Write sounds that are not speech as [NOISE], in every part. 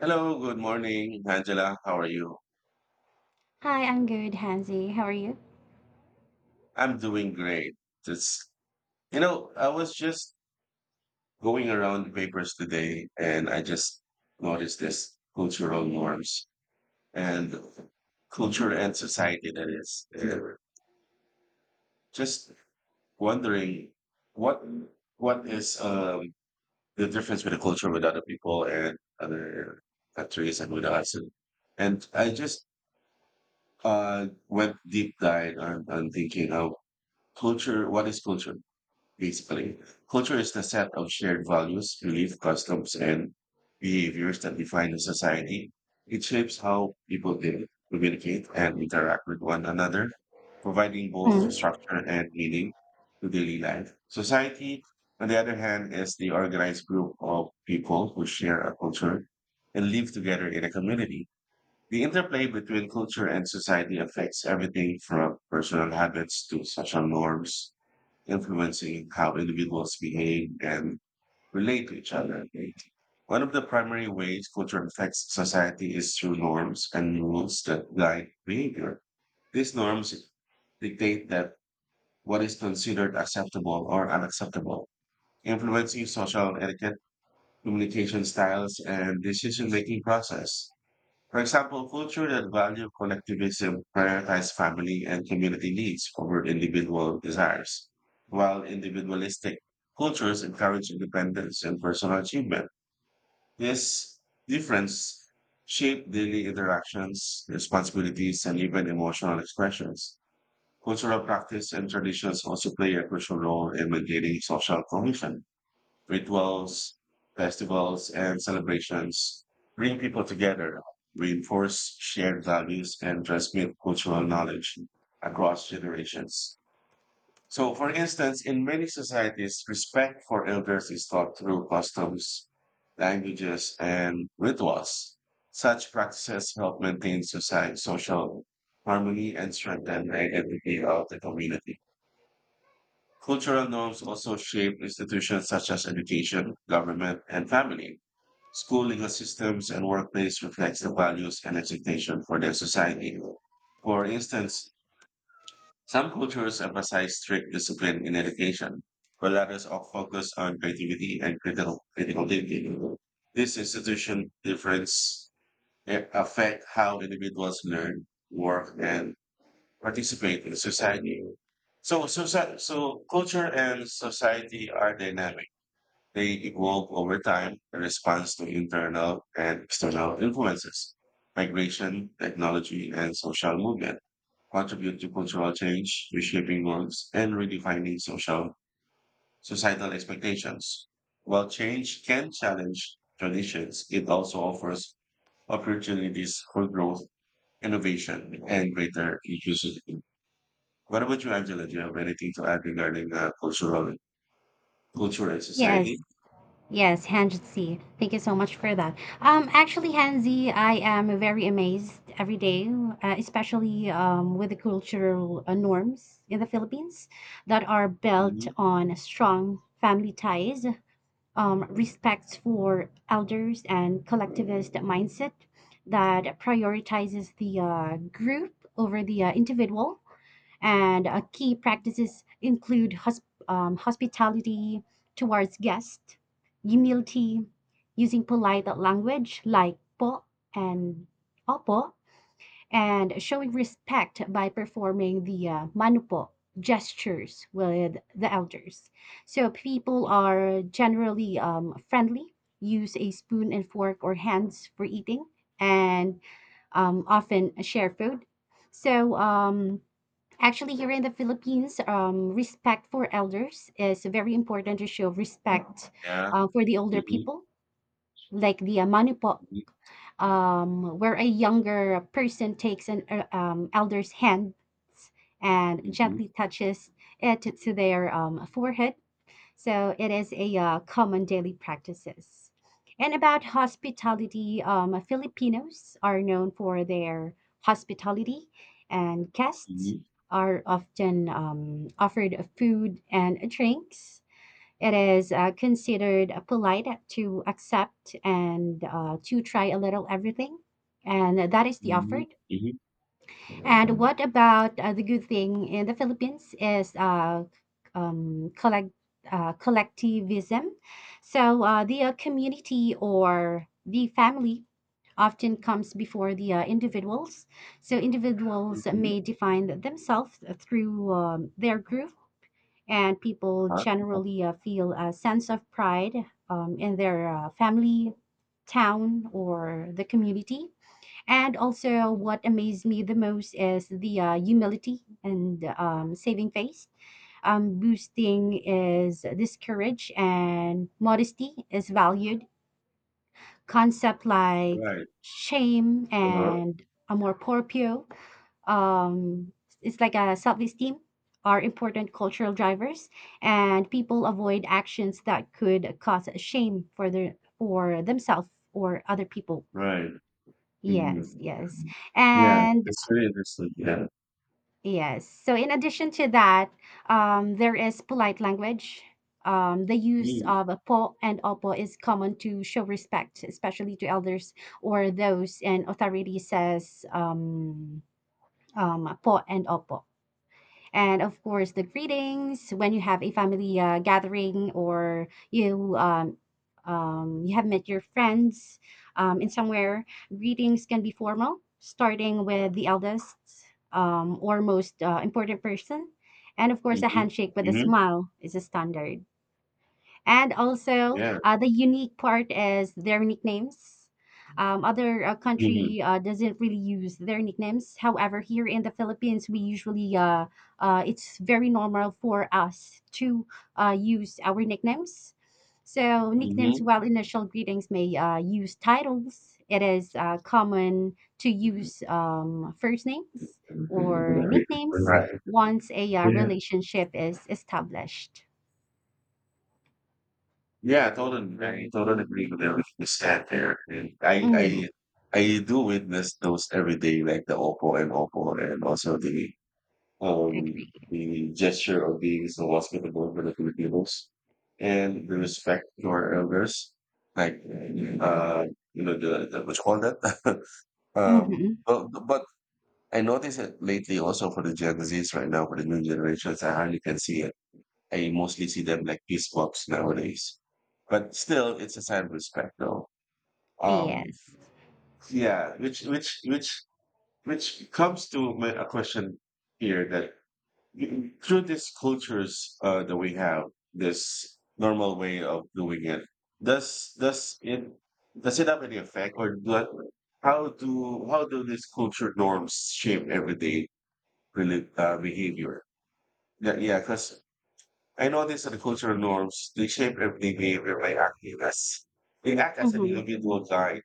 Hello, good morning, Angela. How are you? Hi, I'm good, Hansi. How are you? I'm doing great. Just, I was just going around the papers today, and I just noticed this cultural norms and culture and society that is. And just wondering what what is the difference with the culture with other people and other countries and with us. And I just went deep dive on thinking how culture, what is culture? Basically, culture is the set of shared values, beliefs, customs, and behaviors that define a society. It shapes how people live, communicate, and interact with one another, providing both Mm. structure and meaning to daily life. Society, on the other hand, is the organized group of people who share a culture and live together in a community. The interplay between culture and society affects everything from personal habits to social norms, influencing how individuals behave and relate to each other, right? One of the primary ways culture affects society is through norms and rules that guide behavior. These norms dictate that what is considered acceptable or unacceptable, influencing social etiquette, communication styles, and decision-making process. For example, culture that value collectivism prioritize family and community needs over individual desires, while individualistic cultures encourage independence and personal achievement. This difference shapes daily interactions, responsibilities, and even emotional expressions. Cultural practice and traditions also play a crucial role in maintaining social cohesion. Rituals, festivals, and celebrations bring people together, reinforce shared values, and transmit cultural knowledge across generations. So, for instance, in many societies, respect for elders is taught through customs, languages, and rituals. Such practices help maintain society, social harmony, and strengthen the identity of the community. Cultural norms also shape institutions such as education, government, and family. School legal systems and workplace reflects the values and expectation for their society. For instance, some cultures emphasize strict discipline in education, while others are focused on creativity and critical thinking. This institution difference affect how individuals learn, work, and participate in society. So culture and society are dynamic. They evolve over time in response to internal and external influences. Migration, technology, and social movement contribute to cultural change, reshaping norms, and redefining social societal expectations. While change can challenge traditions, it also offers opportunities for growth, innovation, and greater inclusivity. What about you, Angela? Do you have anything to add regarding cultural culture and Yes, society? yes, Hansi. Thank you so much for that. Actually, Hansi, I am very amazed every day, especially with the cultural norms in the Philippines that are built Hmm. on strong family ties, respects for elders, and collectivist mindset that prioritizes the group over the individual. And key practices include hospitality towards guests, humility, using polite language like po and opo, and showing respect by performing the manupo gestures with the elders. So people are generally friendly, use a spoon and fork or hands for eating, and often share food. So um, Actually, here in the Philippines, respect for elders is very important. To show respect Yeah. For the older Hmm. people, like the manipo, Hmm. Where a younger person takes an elder's hand and Hmm. gently touches it to their forehead, so it is a common daily practices. And about hospitality, Filipinos are known for their hospitality, and guests Hmm. are often offered food and drinks. It is considered polite to accept and to try a little everything, and that is the Hmm. offered. Hmm. And what about the good thing in the Philippines is um, collect, collectivism. So the community or the family often comes before the individuals. So individuals may define themselves through their group, and people Uh-huh. Uh-huh. generally feel a sense of pride in their family, town, or the community. And also, what amazed me the most is the humility and saving face. Boosting is this courage and modesty is valued. Concept like Right. shame Uh-huh. and amor proprio, um, it's like a self esteem, are important cultural drivers, and people avoid actions that could cause shame for their for themselves or other people. Right. Yes, Hmm. yes. Yeah, And that's very interesting. Yeah. yes. So in addition to that, there is polite language. The use Mm-hmm. of a po and opo is common to show respect, especially to elders or those in authority says po and opo. And of course, the greetings when you have a family gathering or you have met your friends in somewhere. Greetings can be formal, starting with the eldest or most important person. And of course, a Mm-hmm. handshake with a Mm-hmm. smile is a standard. And also, Yeah. The unique part is their nicknames. Other Mm-hmm. country doesn't really use their nicknames. However, here in the Philippines, we usually it's very normal for us to use our nicknames. So nicknames, Mm-hmm. while initial greetings may use titles, it is common to Mm-hmm. use first names or Mm-hmm. nicknames Right. once a Yeah. relationship is established. I totally agree with everything you said there. And I, Hmm. I, I do witness those every day, like the Oppo and Oppo, and also um the gesture of being so hospitable for the Filipinos and the respect to our elders, like uh you know the what you call that. [LAUGHS] um, Hmm. but, but I noticed it lately also for the Gen Zs right now, for the new generations. I hardly can see it. I mostly see them like peace walks nowadays. But still, it's a sign of respect, though. Um, Yes. yeah, which which which which comes to a question here, that through these cultures that we have, this normal way of doing it, does does it does it have any effect? Or do, how do these culture norms shape everyday behavior? Yeah, Because I notice that cultural norms, they shape everyday behavior by acting as they act as an Mhm, individual guide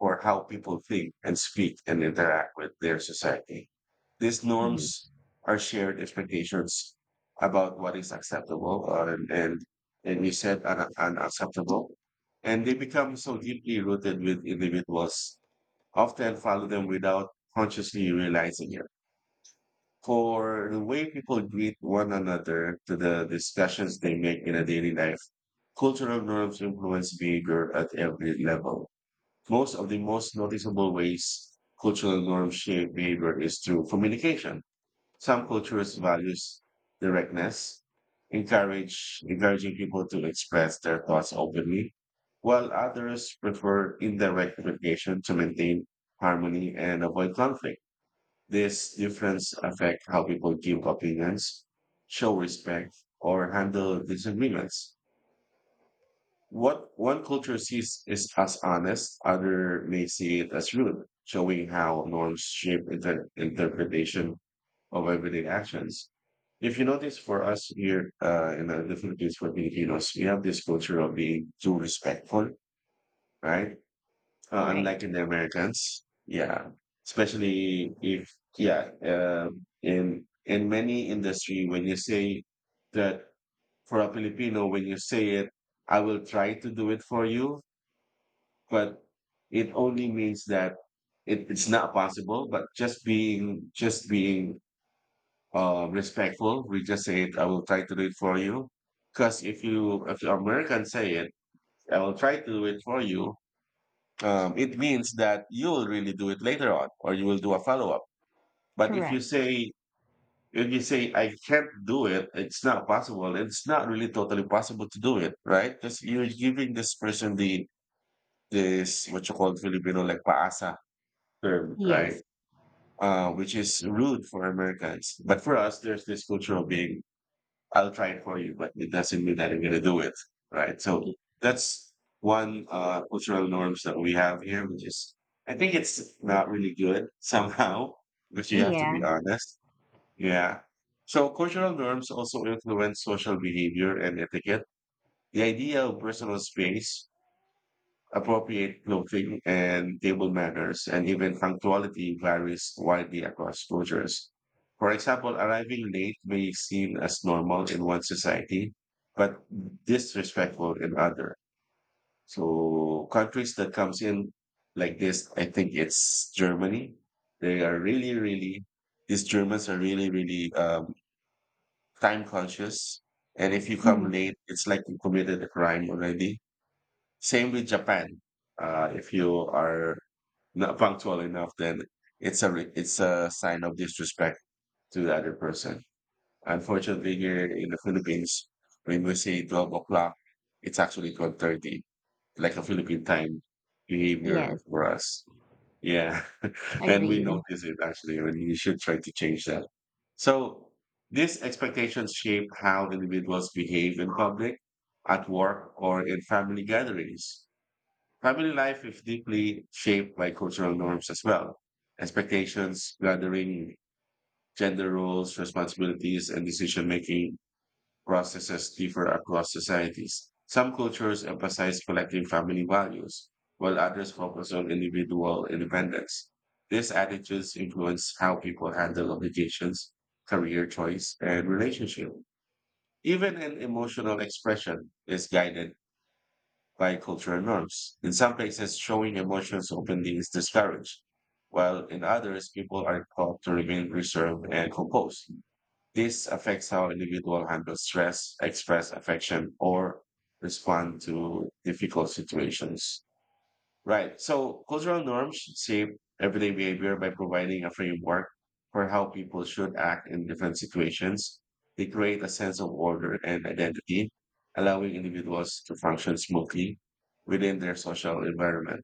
for how people think and speak and interact with their society. These mhm. norms are shared expectations about what is acceptable and and you said unacceptable. And they become so deeply rooted with individuals, often follow them without consciously realizing it, for the way people greet one another to the discussions they make in a daily life. Cultural norms influence behavior at every level. Most of the most noticeable ways cultural norms shape behavior is through communication. Some cultures values directness, encourage encouraging people to express their thoughts openly, while others prefer indirect communication to maintain harmony and avoid conflict. This difference affect how people give opinions, show respect, or handle disagreements. What one culture sees is as honest, other may see it as rude, showing how norms shape interpretation of everyday actions. If you notice, for us here in the Philippines, for Filipinos, we have this culture of being too respectful, right? Right. unlike in the Americans. Yeah, especially if yeah, in many industry, when you say that, for a Filipino, when you say it, I will try to do it for you, but it only means that it's not possible. But just being respectful, we just say it. I will try to do it for you. Because if the American say it, I will try to do it for you, it means that you will really do it later on, or you will do a follow-up. But if Correct. you say, if you say, I can't do it, it's not possible. It's not really totally possible to do it, right? Because you're giving this person the, this what you call Filipino, like paasa term, Yes. right? Which is rude for Americans, but for us, there's this culture of being, I'll try it for you, but it doesn't mean that I'm going to do it. Right. So Y that's one cultural norms that we have here, which is, I think it's not really good [LAUGHS] somehow, but you have to Yeah. be honest. Yeah. So cultural norms also influence social behavior and etiquette. The idea of personal space, appropriate clothing and table manners, and even punctuality varies widely across cultures. For example, arriving late may seem as normal in one society, but disrespectful in other. So countries that comes in like this, I think it's Germany. They are really, really, these Germans are really, really time conscious. And if you come Mhm. late, it's like you committed a crime already, same with Japan. If you are not punctual enough, then it's a sign of disrespect to the other person. Unfortunately, here in the Philippines, when we say 12 o'clock, it's actually 12:30, like a Philippine time behavior Yes. for us. Yeah, [LAUGHS] and we Agreed. notice it actually, and you should try to change that. So these expectations shape how individuals behave in public, at work, or in family gatherings. Family life is deeply shaped by cultural norms as well. Expectations, gathering, gender roles, responsibilities, and decision making processes differ across societies. Some cultures emphasize collective family values, while others focus on individual independence. These attitudes influence how people handle obligations, career choice, and relationship. Even an emotional expression is guided by cultural norms. In some places, showing emotions openly is discouraged, while in others, people are taught to remain reserved and composed. This affects how individuals handle stress, express affection, or respond to difficult situations. Right. So cultural norms should shape everyday behavior by providing a framework for how people should act in different situations. They create a sense of order and identity, allowing individuals to function smoothly within their social environment.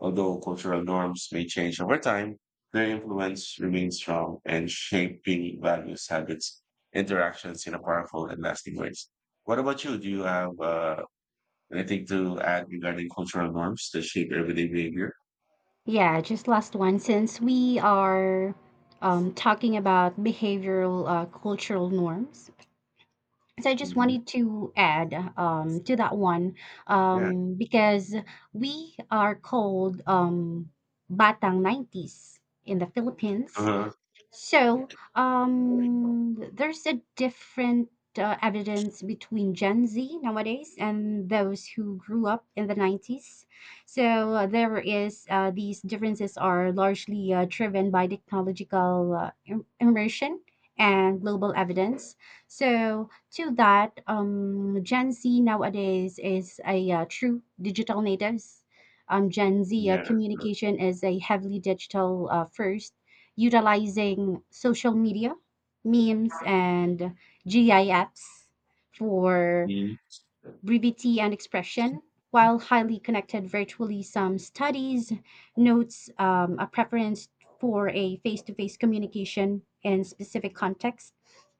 Although cultural norms may change over time, their influence remains strong and shaping values, habits, interactions in a powerful and lasting ways. What about you? Do you have anything to add regarding cultural norms that shape everyday behavior? Yeah, just last one, since we are, talking about behavioral, cultural norms, so I just Mhm. wanted to add, to that one, Yeah. Because we are called, Batang 90s in the Philippines. Uh-huh. So, there's a different evidence between Gen Z nowadays and those who grew up in the 90s. So, there is these differences are largely driven by technological immersion and global evidence. So, to that, Gen Z nowadays is a true digital natives. Gen Z Yeah. communication is a heavily digital first, utilizing social media, memes, and GIFs for Mhm. brevity and expression. While highly connected virtually, some studies notes a preference for a face-to-face communication in specific context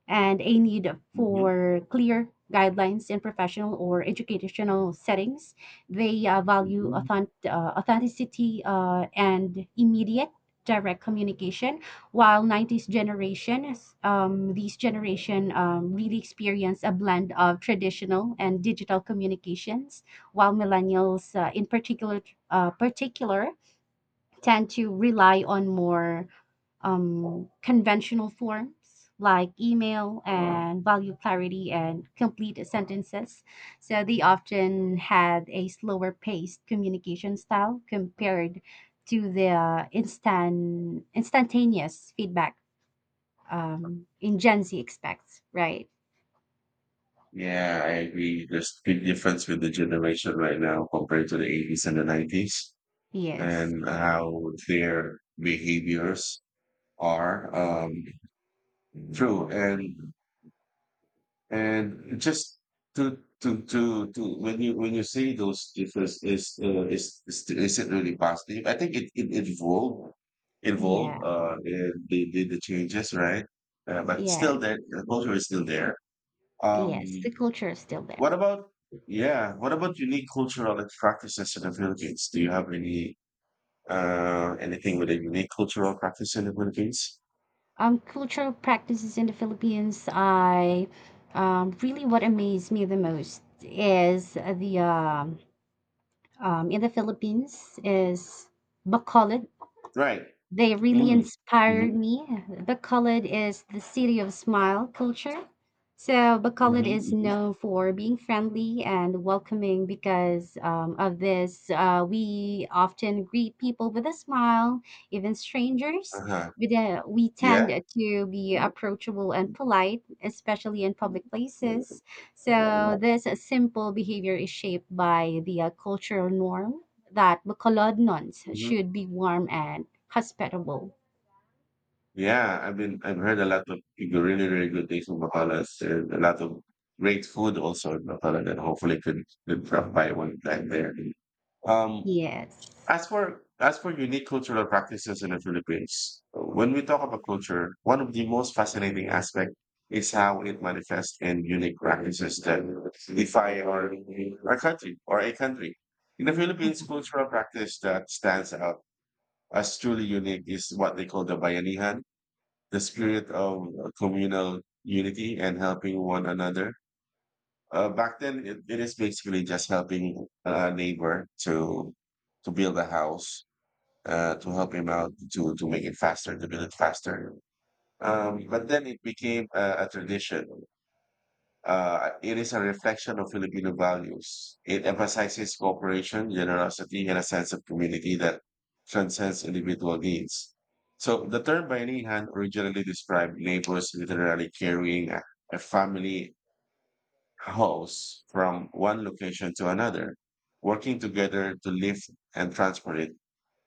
and a need Mhm. for clear guidelines in professional or educational settings. They uh, value Mhm. authent- uh, authenticity and immediate direct communication, while 90s generation these generation really experience a blend of traditional and digital communications, while millennials uh, in particular tend to rely on more conventional forms like email Uh-huh. and value clarity and complete sentences, so they often had a slower paced communication style compared to the instantaneous feedback in Gen Z expects, right? Yeah, I agree. There's big difference with the generation right now compared to the 80s and the 90s, Yes. and how their behaviors are. True. And just to When you, when you say those difference is is it really positive? I think it evolved, Yeah. In the the changes, right? But Yeah. still there, the culture is still there. Um, Yes. The culture is still there. what about yeah? What about unique cultural practices in the Philippines? Do you have any anything with a unique cultural practice in the Philippines? Cultural practices in the Philippines, I really what amazed me the most is the in the Philippines is Bacolod. Right. They really Mm. inspired Mm-hmm. me. Bacolod is the city of smile culture. So Bacolod Mm-hmm. is Mm-hmm. known for being friendly and welcoming because of this. We often greet people with a smile, even strangers. Uh-huh. We tend Yeah. to be approachable and polite, especially in public Mhm. places. So this simple behavior is shaped by the cultural norm that Bacolodnons should be warm and hospitable. I've heard a lot of really really good things from Bacalas, and a lot of great food also in Bacalan, and hopefully could drop by one time there. Um, Yes. As for unique cultural practices in the Philippines, when we talk about culture, one of the most fascinating aspect is how it manifests in unique practices that defy our country or a country. In the Philippines, cultural practice that stands out as truly unique is what they call the bayanihan, the spirit of communal unity and helping one another. Back then, it is basically just helping a neighbor to build a house, to help him out, to make it faster, to build it faster. But then it became a tradition. It is a reflection of Filipino values. It emphasizes cooperation, generosity, and a sense of community that transcends individual needs. So the term Bayanihan originally described neighbors literally carrying a family house from one location to another, working together to lift and transport it.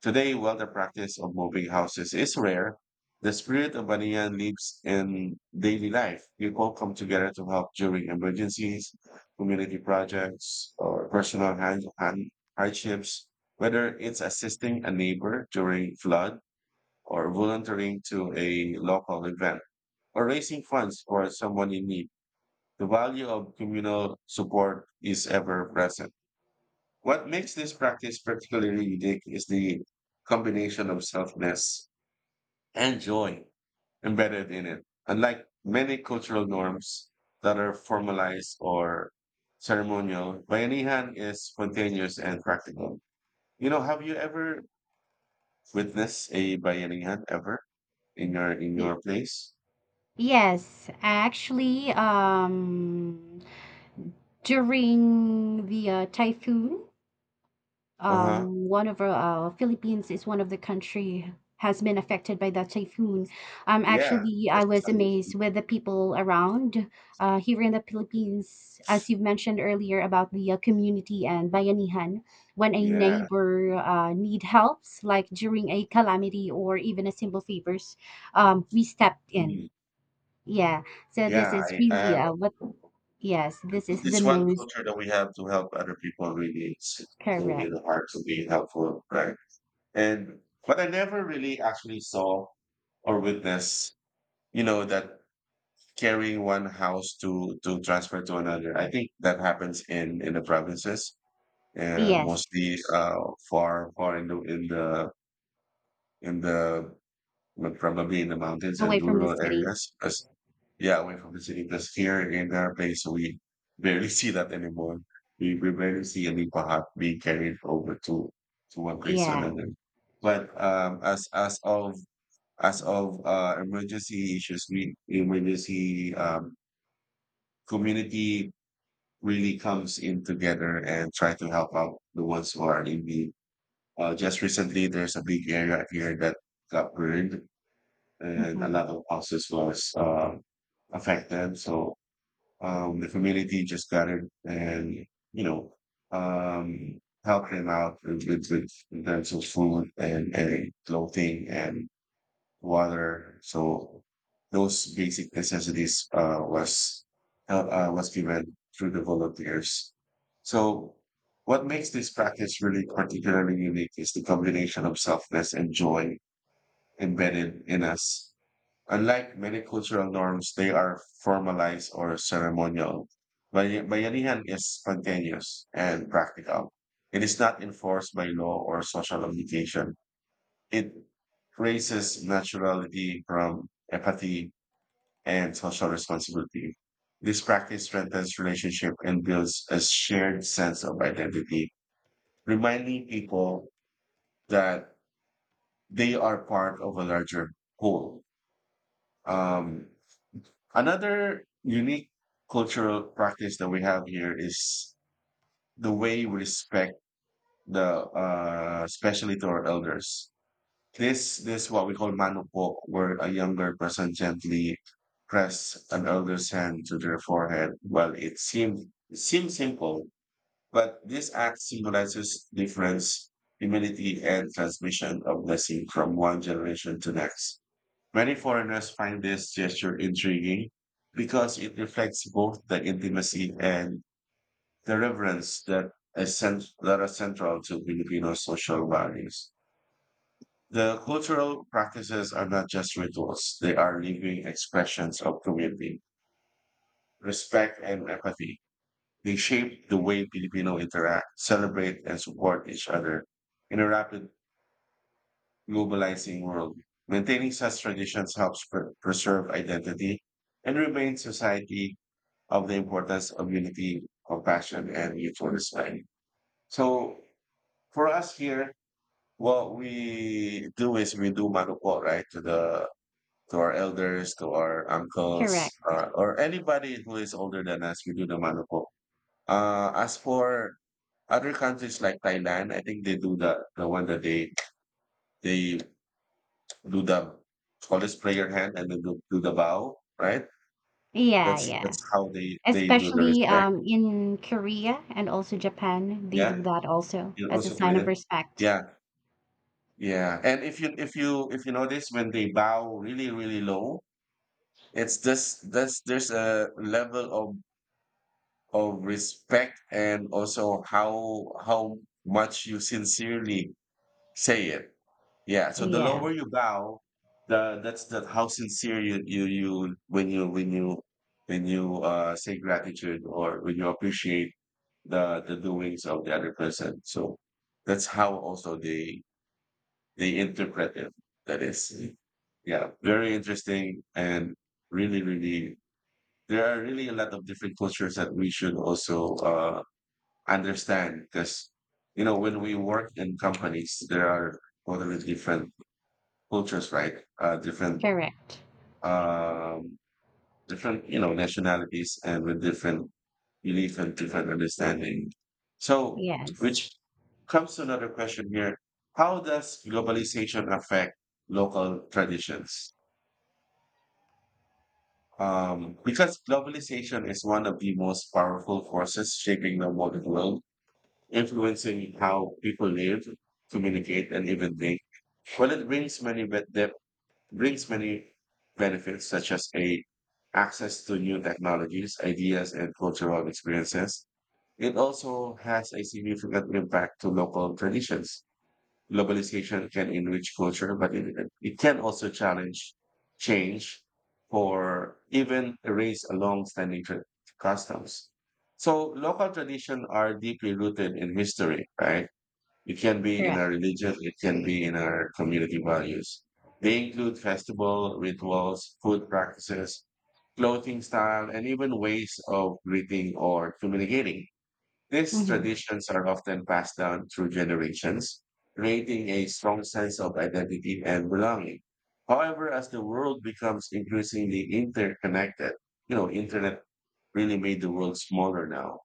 Today, while the practice of moving houses is rare, the spirit of Banyan lives in daily life. People come together to help during emergencies, community projects, or personal hand, hand hardships, whether it's assisting a neighbor during flood or volunteering to a local event or raising funds for someone in need. The value of communal support is ever present. What makes this practice particularly unique is the combination of selfness and joy embedded in it. Unlike many cultural norms that are formalized or ceremonial, Bayanihan is spontaneous and practical. Have you ever witnessed a Bayanihan ever in your in Y- your place? Yes, actually, during the typhoon, Uh huh. One of our Philippines is one of the country has been affected by that typhoon. Yeah, Actually, that's I was precisely. amazed with the people around here in the Philippines, as you've mentioned earlier about the community and bayanihan. When a Yeah, neighbor need helps, like during a calamity or even a simple favors, we stepped in. mm, Yeah, so this yeah. is I really have. What. Yes, this is It's the it's one most culture that we have to help other people. Really, it's correct. really hard to be helpful, right? And but I never really actually saw or witnessed, you know, that carrying one house to transfer to another. I think that happens in the provinces, Yes, mostly far in the probably in the mountains and away from the rural city. areas, because yeah, away from the city because here in our place we barely see that anymore. We barely see any pahat being carried over to one place to Yeah. another. But as of emergency issues, we emergency community really comes in together and try to help out the ones who are in need. Just recently, there's a big area here that got burned, and a Mhm. lot of houses was affected. So the community just got it and you know helped them out with with in terms of food and clothing and water. So those basic necessities was given through the volunteers. So what makes this practice really particularly unique is the combination of selfless and joy embedded in us. Unlike many cultural norms, they are formalized or ceremonial. Bayanihan is spontaneous and practical. It is not enforced by law or social obligation. It raises naturality from apathy and social responsibility. This practice strengthens relationship and builds a shared sense of identity, reminding people that they are part of a larger whole. Um, Another unique cultural practice that we have here is the way we respect the especially to our elders. This what we call manupo, where a younger person gently press an elder's hand to their forehead. Well, it seems simple, but this act symbolizes difference, humility, and transmission of blessing from one generation to next. Many foreigners find this gesture intriguing because it reflects both the intimacy and the reverence that are central to Filipino social values. The cultural practices are not just rituals, they are living expressions of community, respect, and empathy. They shape the way Filipino interact, celebrate, and support each other in a rapidly globalizing world. Maintaining such traditions helps preserve identity and remind society of the importance of unity, compassion, and mutual respect. So for us here, what we do is we do manupo, right, to the to our elders, to our uncles, Correct. Or anybody who is older than us, we do the manupo. As for other countries like Thailand, I think they do the one that they do the always spray your hand and then do the bow, right? Yeah, That's yeah. that's how they do the Especially respect. In Korea and also Japan, they Yeah, do that also in as a also sign of Korean. respect. Yeah, yeah. And if you notice when they bow really low, it's just that's there's a level of respect and also how much you sincerely say it. Yeah, so the Yeah, lower you bow, the that's that how sincere you when you say gratitude or when you appreciate the doings of the other person. So that's how also they interpret it. That is, yeah, very interesting and really there are really a lot of different cultures that we should also understand because you know when we work in companies there are totally different cultures, right? Different, correct. um, different, you know, nationalities and with different belief and different understanding. So, Yes, which comes to another question here. How does globalization affect local traditions? Because globalization is one of the most powerful forces shaping the modern world, influencing how people live, communicate, and even think. Well, it brings brings many benefits such as a access to new technologies, ideas, and cultural experiences. It also has a significant impact to local traditions. Globalization can enrich culture, but it can also challenge change or even erase a customs. So local traditions are deeply rooted in history, right? It can be in correct. our religion, it can be in our community values. They include festival, rituals, food practices, clothing style, and even ways of greeting or communicating. These Mm-hmm. traditions are often passed down through generations, creating a strong sense of identity and belonging. However, as the world becomes increasingly interconnected, you know, internet really made the world smaller now.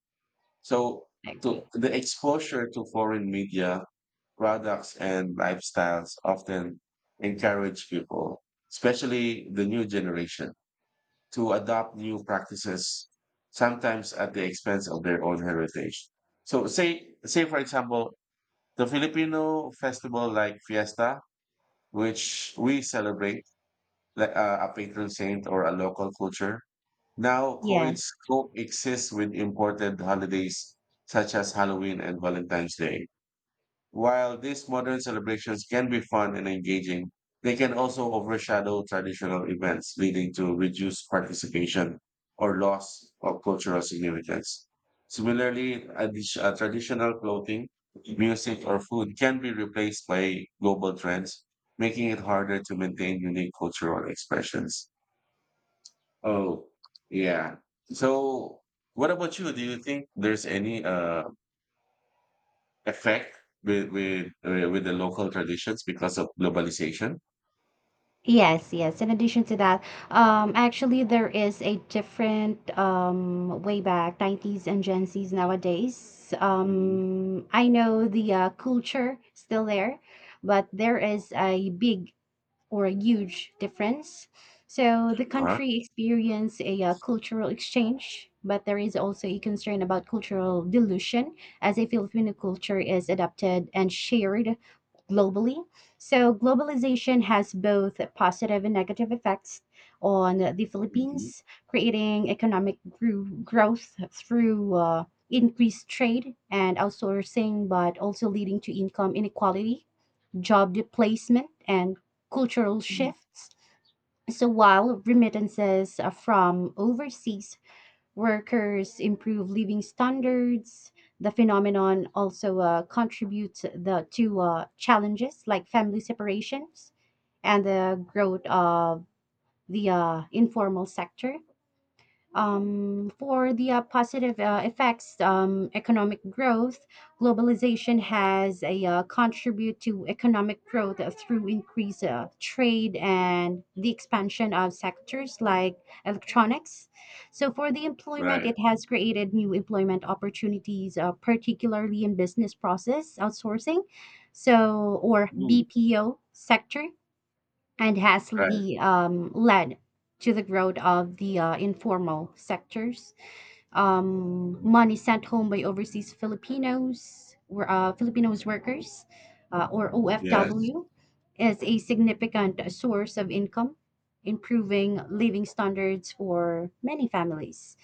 So I agree. the exposure to foreign media products and lifestyles often encourage people, especially the new generation, to adopt new practices, sometimes at the expense of their own heritage. So, say for example, the Filipino festival like Fiesta, which we celebrate like a patron saint or a local culture, now Yes. Coexists with imported holidays such as Halloween and Valentine's Day. While these modern celebrations can be fun and engaging, they can also overshadow traditional events, leading to reduced participation or loss of cultural significance. Similarly, traditional clothing, music, or food can be replaced by global trends, making it harder to maintain unique cultural expressions. Oh, yeah. So, what about you? Do you think there's any effect with with the local traditions because of globalization? Yes, yes. In addition to that, actually there is a different way back 90s and Gen Zs nowadays. Mm-hmm. I know the culture still there, but there is a big or a huge difference. So the Uh-huh. country experienced a cultural exchange, but there is also a concern about cultural dilution as a Filipino culture is adapted and shared globally. So globalization has both positive and negative effects on the Mm-hmm. Philippines, creating growth through increased trade and outsourcing, but also leading to income inequality, job displacement, and cultural Mm. shifts. So while remittances from overseas workers improve living standards, the phenomenon also uh, contributes to challenges like family separations and the growth of the informal sector. For the positive effects, economic growth, globalization has a contribute to economic growth through increased trade and the expansion of sectors like electronics. So for the employment, Right. it has created new employment opportunities, particularly in business process outsourcing, so or Mm. BPO sector, and Right. Led to the growth of the informal sectors. Mm. Money sent home by overseas Filipinos workers, or Yes. OFW, is a significant source of income, improving living standards for many families.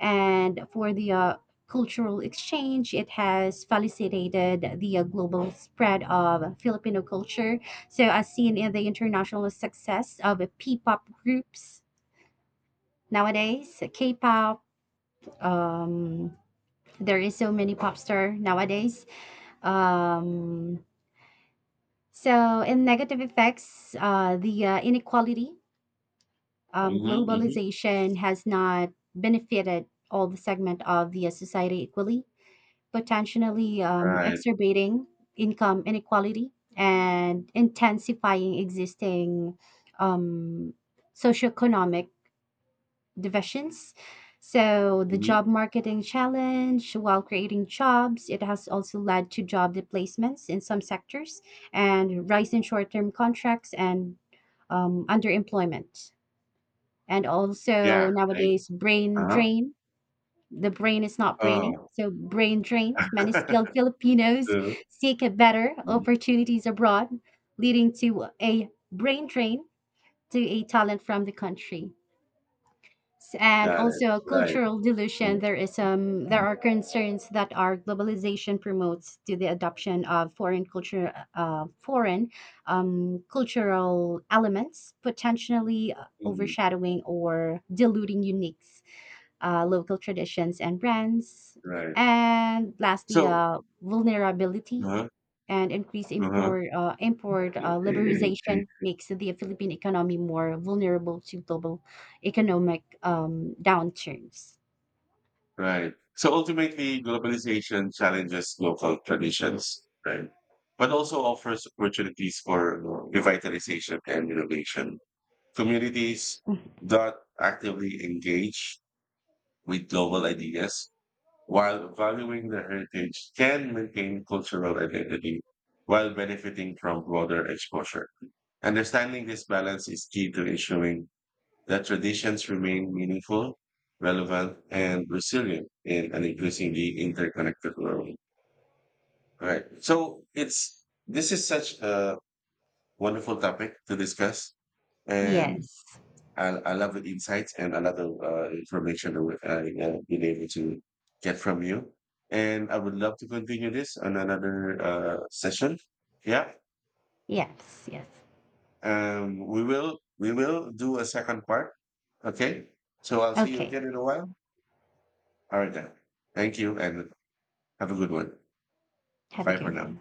And for the cultural exchange, it has facilitated the global spread of Filipino culture. So, as seen in the international success of P pop groups nowadays, K pop, um, there is so many pop star nowadays. Um, so, in negative effects, the inequality, Mm-hmm. Mm-hmm. globalization has not benefited all the segment of the society equally, potentially Right. exacerbating income inequality and intensifying existing um, socioeconomic divisions. So, the Mm-hmm. job marketing challenge, while creating jobs, it has also led to job replacements in some sectors and rise in short term contracts and underemployment. And Yeah. also Right. nowadays, brain Uh-huh. drain, the brain is not braining, Oh. so brain drain. Many [LAUGHS] skilled Filipinos True. seek better Mhm. opportunities abroad, leading to a brain drain to a talent from the country. And Got it. also a Right. cultural dilution. There is Mm-hmm. there are concerns that our globalization promotes to the adoption of foreign culture, foreign cultural elements, potentially overshadowing or diluting uniques local traditions and brands. Right. And lastly, So. Vulnerability Uh-huh. and increased Uh-huh. Import liberalization makes the Philippine economy more vulnerable to global economic downturns. Right. So ultimately, globalization challenges local traditions, right? But also offers opportunities for revitalization and innovation. Communities that actively engage with global ideas while valuing their heritage can maintain cultural identity while benefiting from broader exposure. Understanding this balance is key to ensuring that traditions remain meaningful, relevant, and resilient in an increasingly interconnected world. Right. So it's this is such a wonderful topic to discuss, and Yes, I love the insights and a lot of information that been able to get from you. And I would love to continue this on another session. Yeah. yes, yes. We will do a second part. Okay. So I'll see you Okay, again in a while. All right then. Thank you and have a good one. have a Bye for good now. one.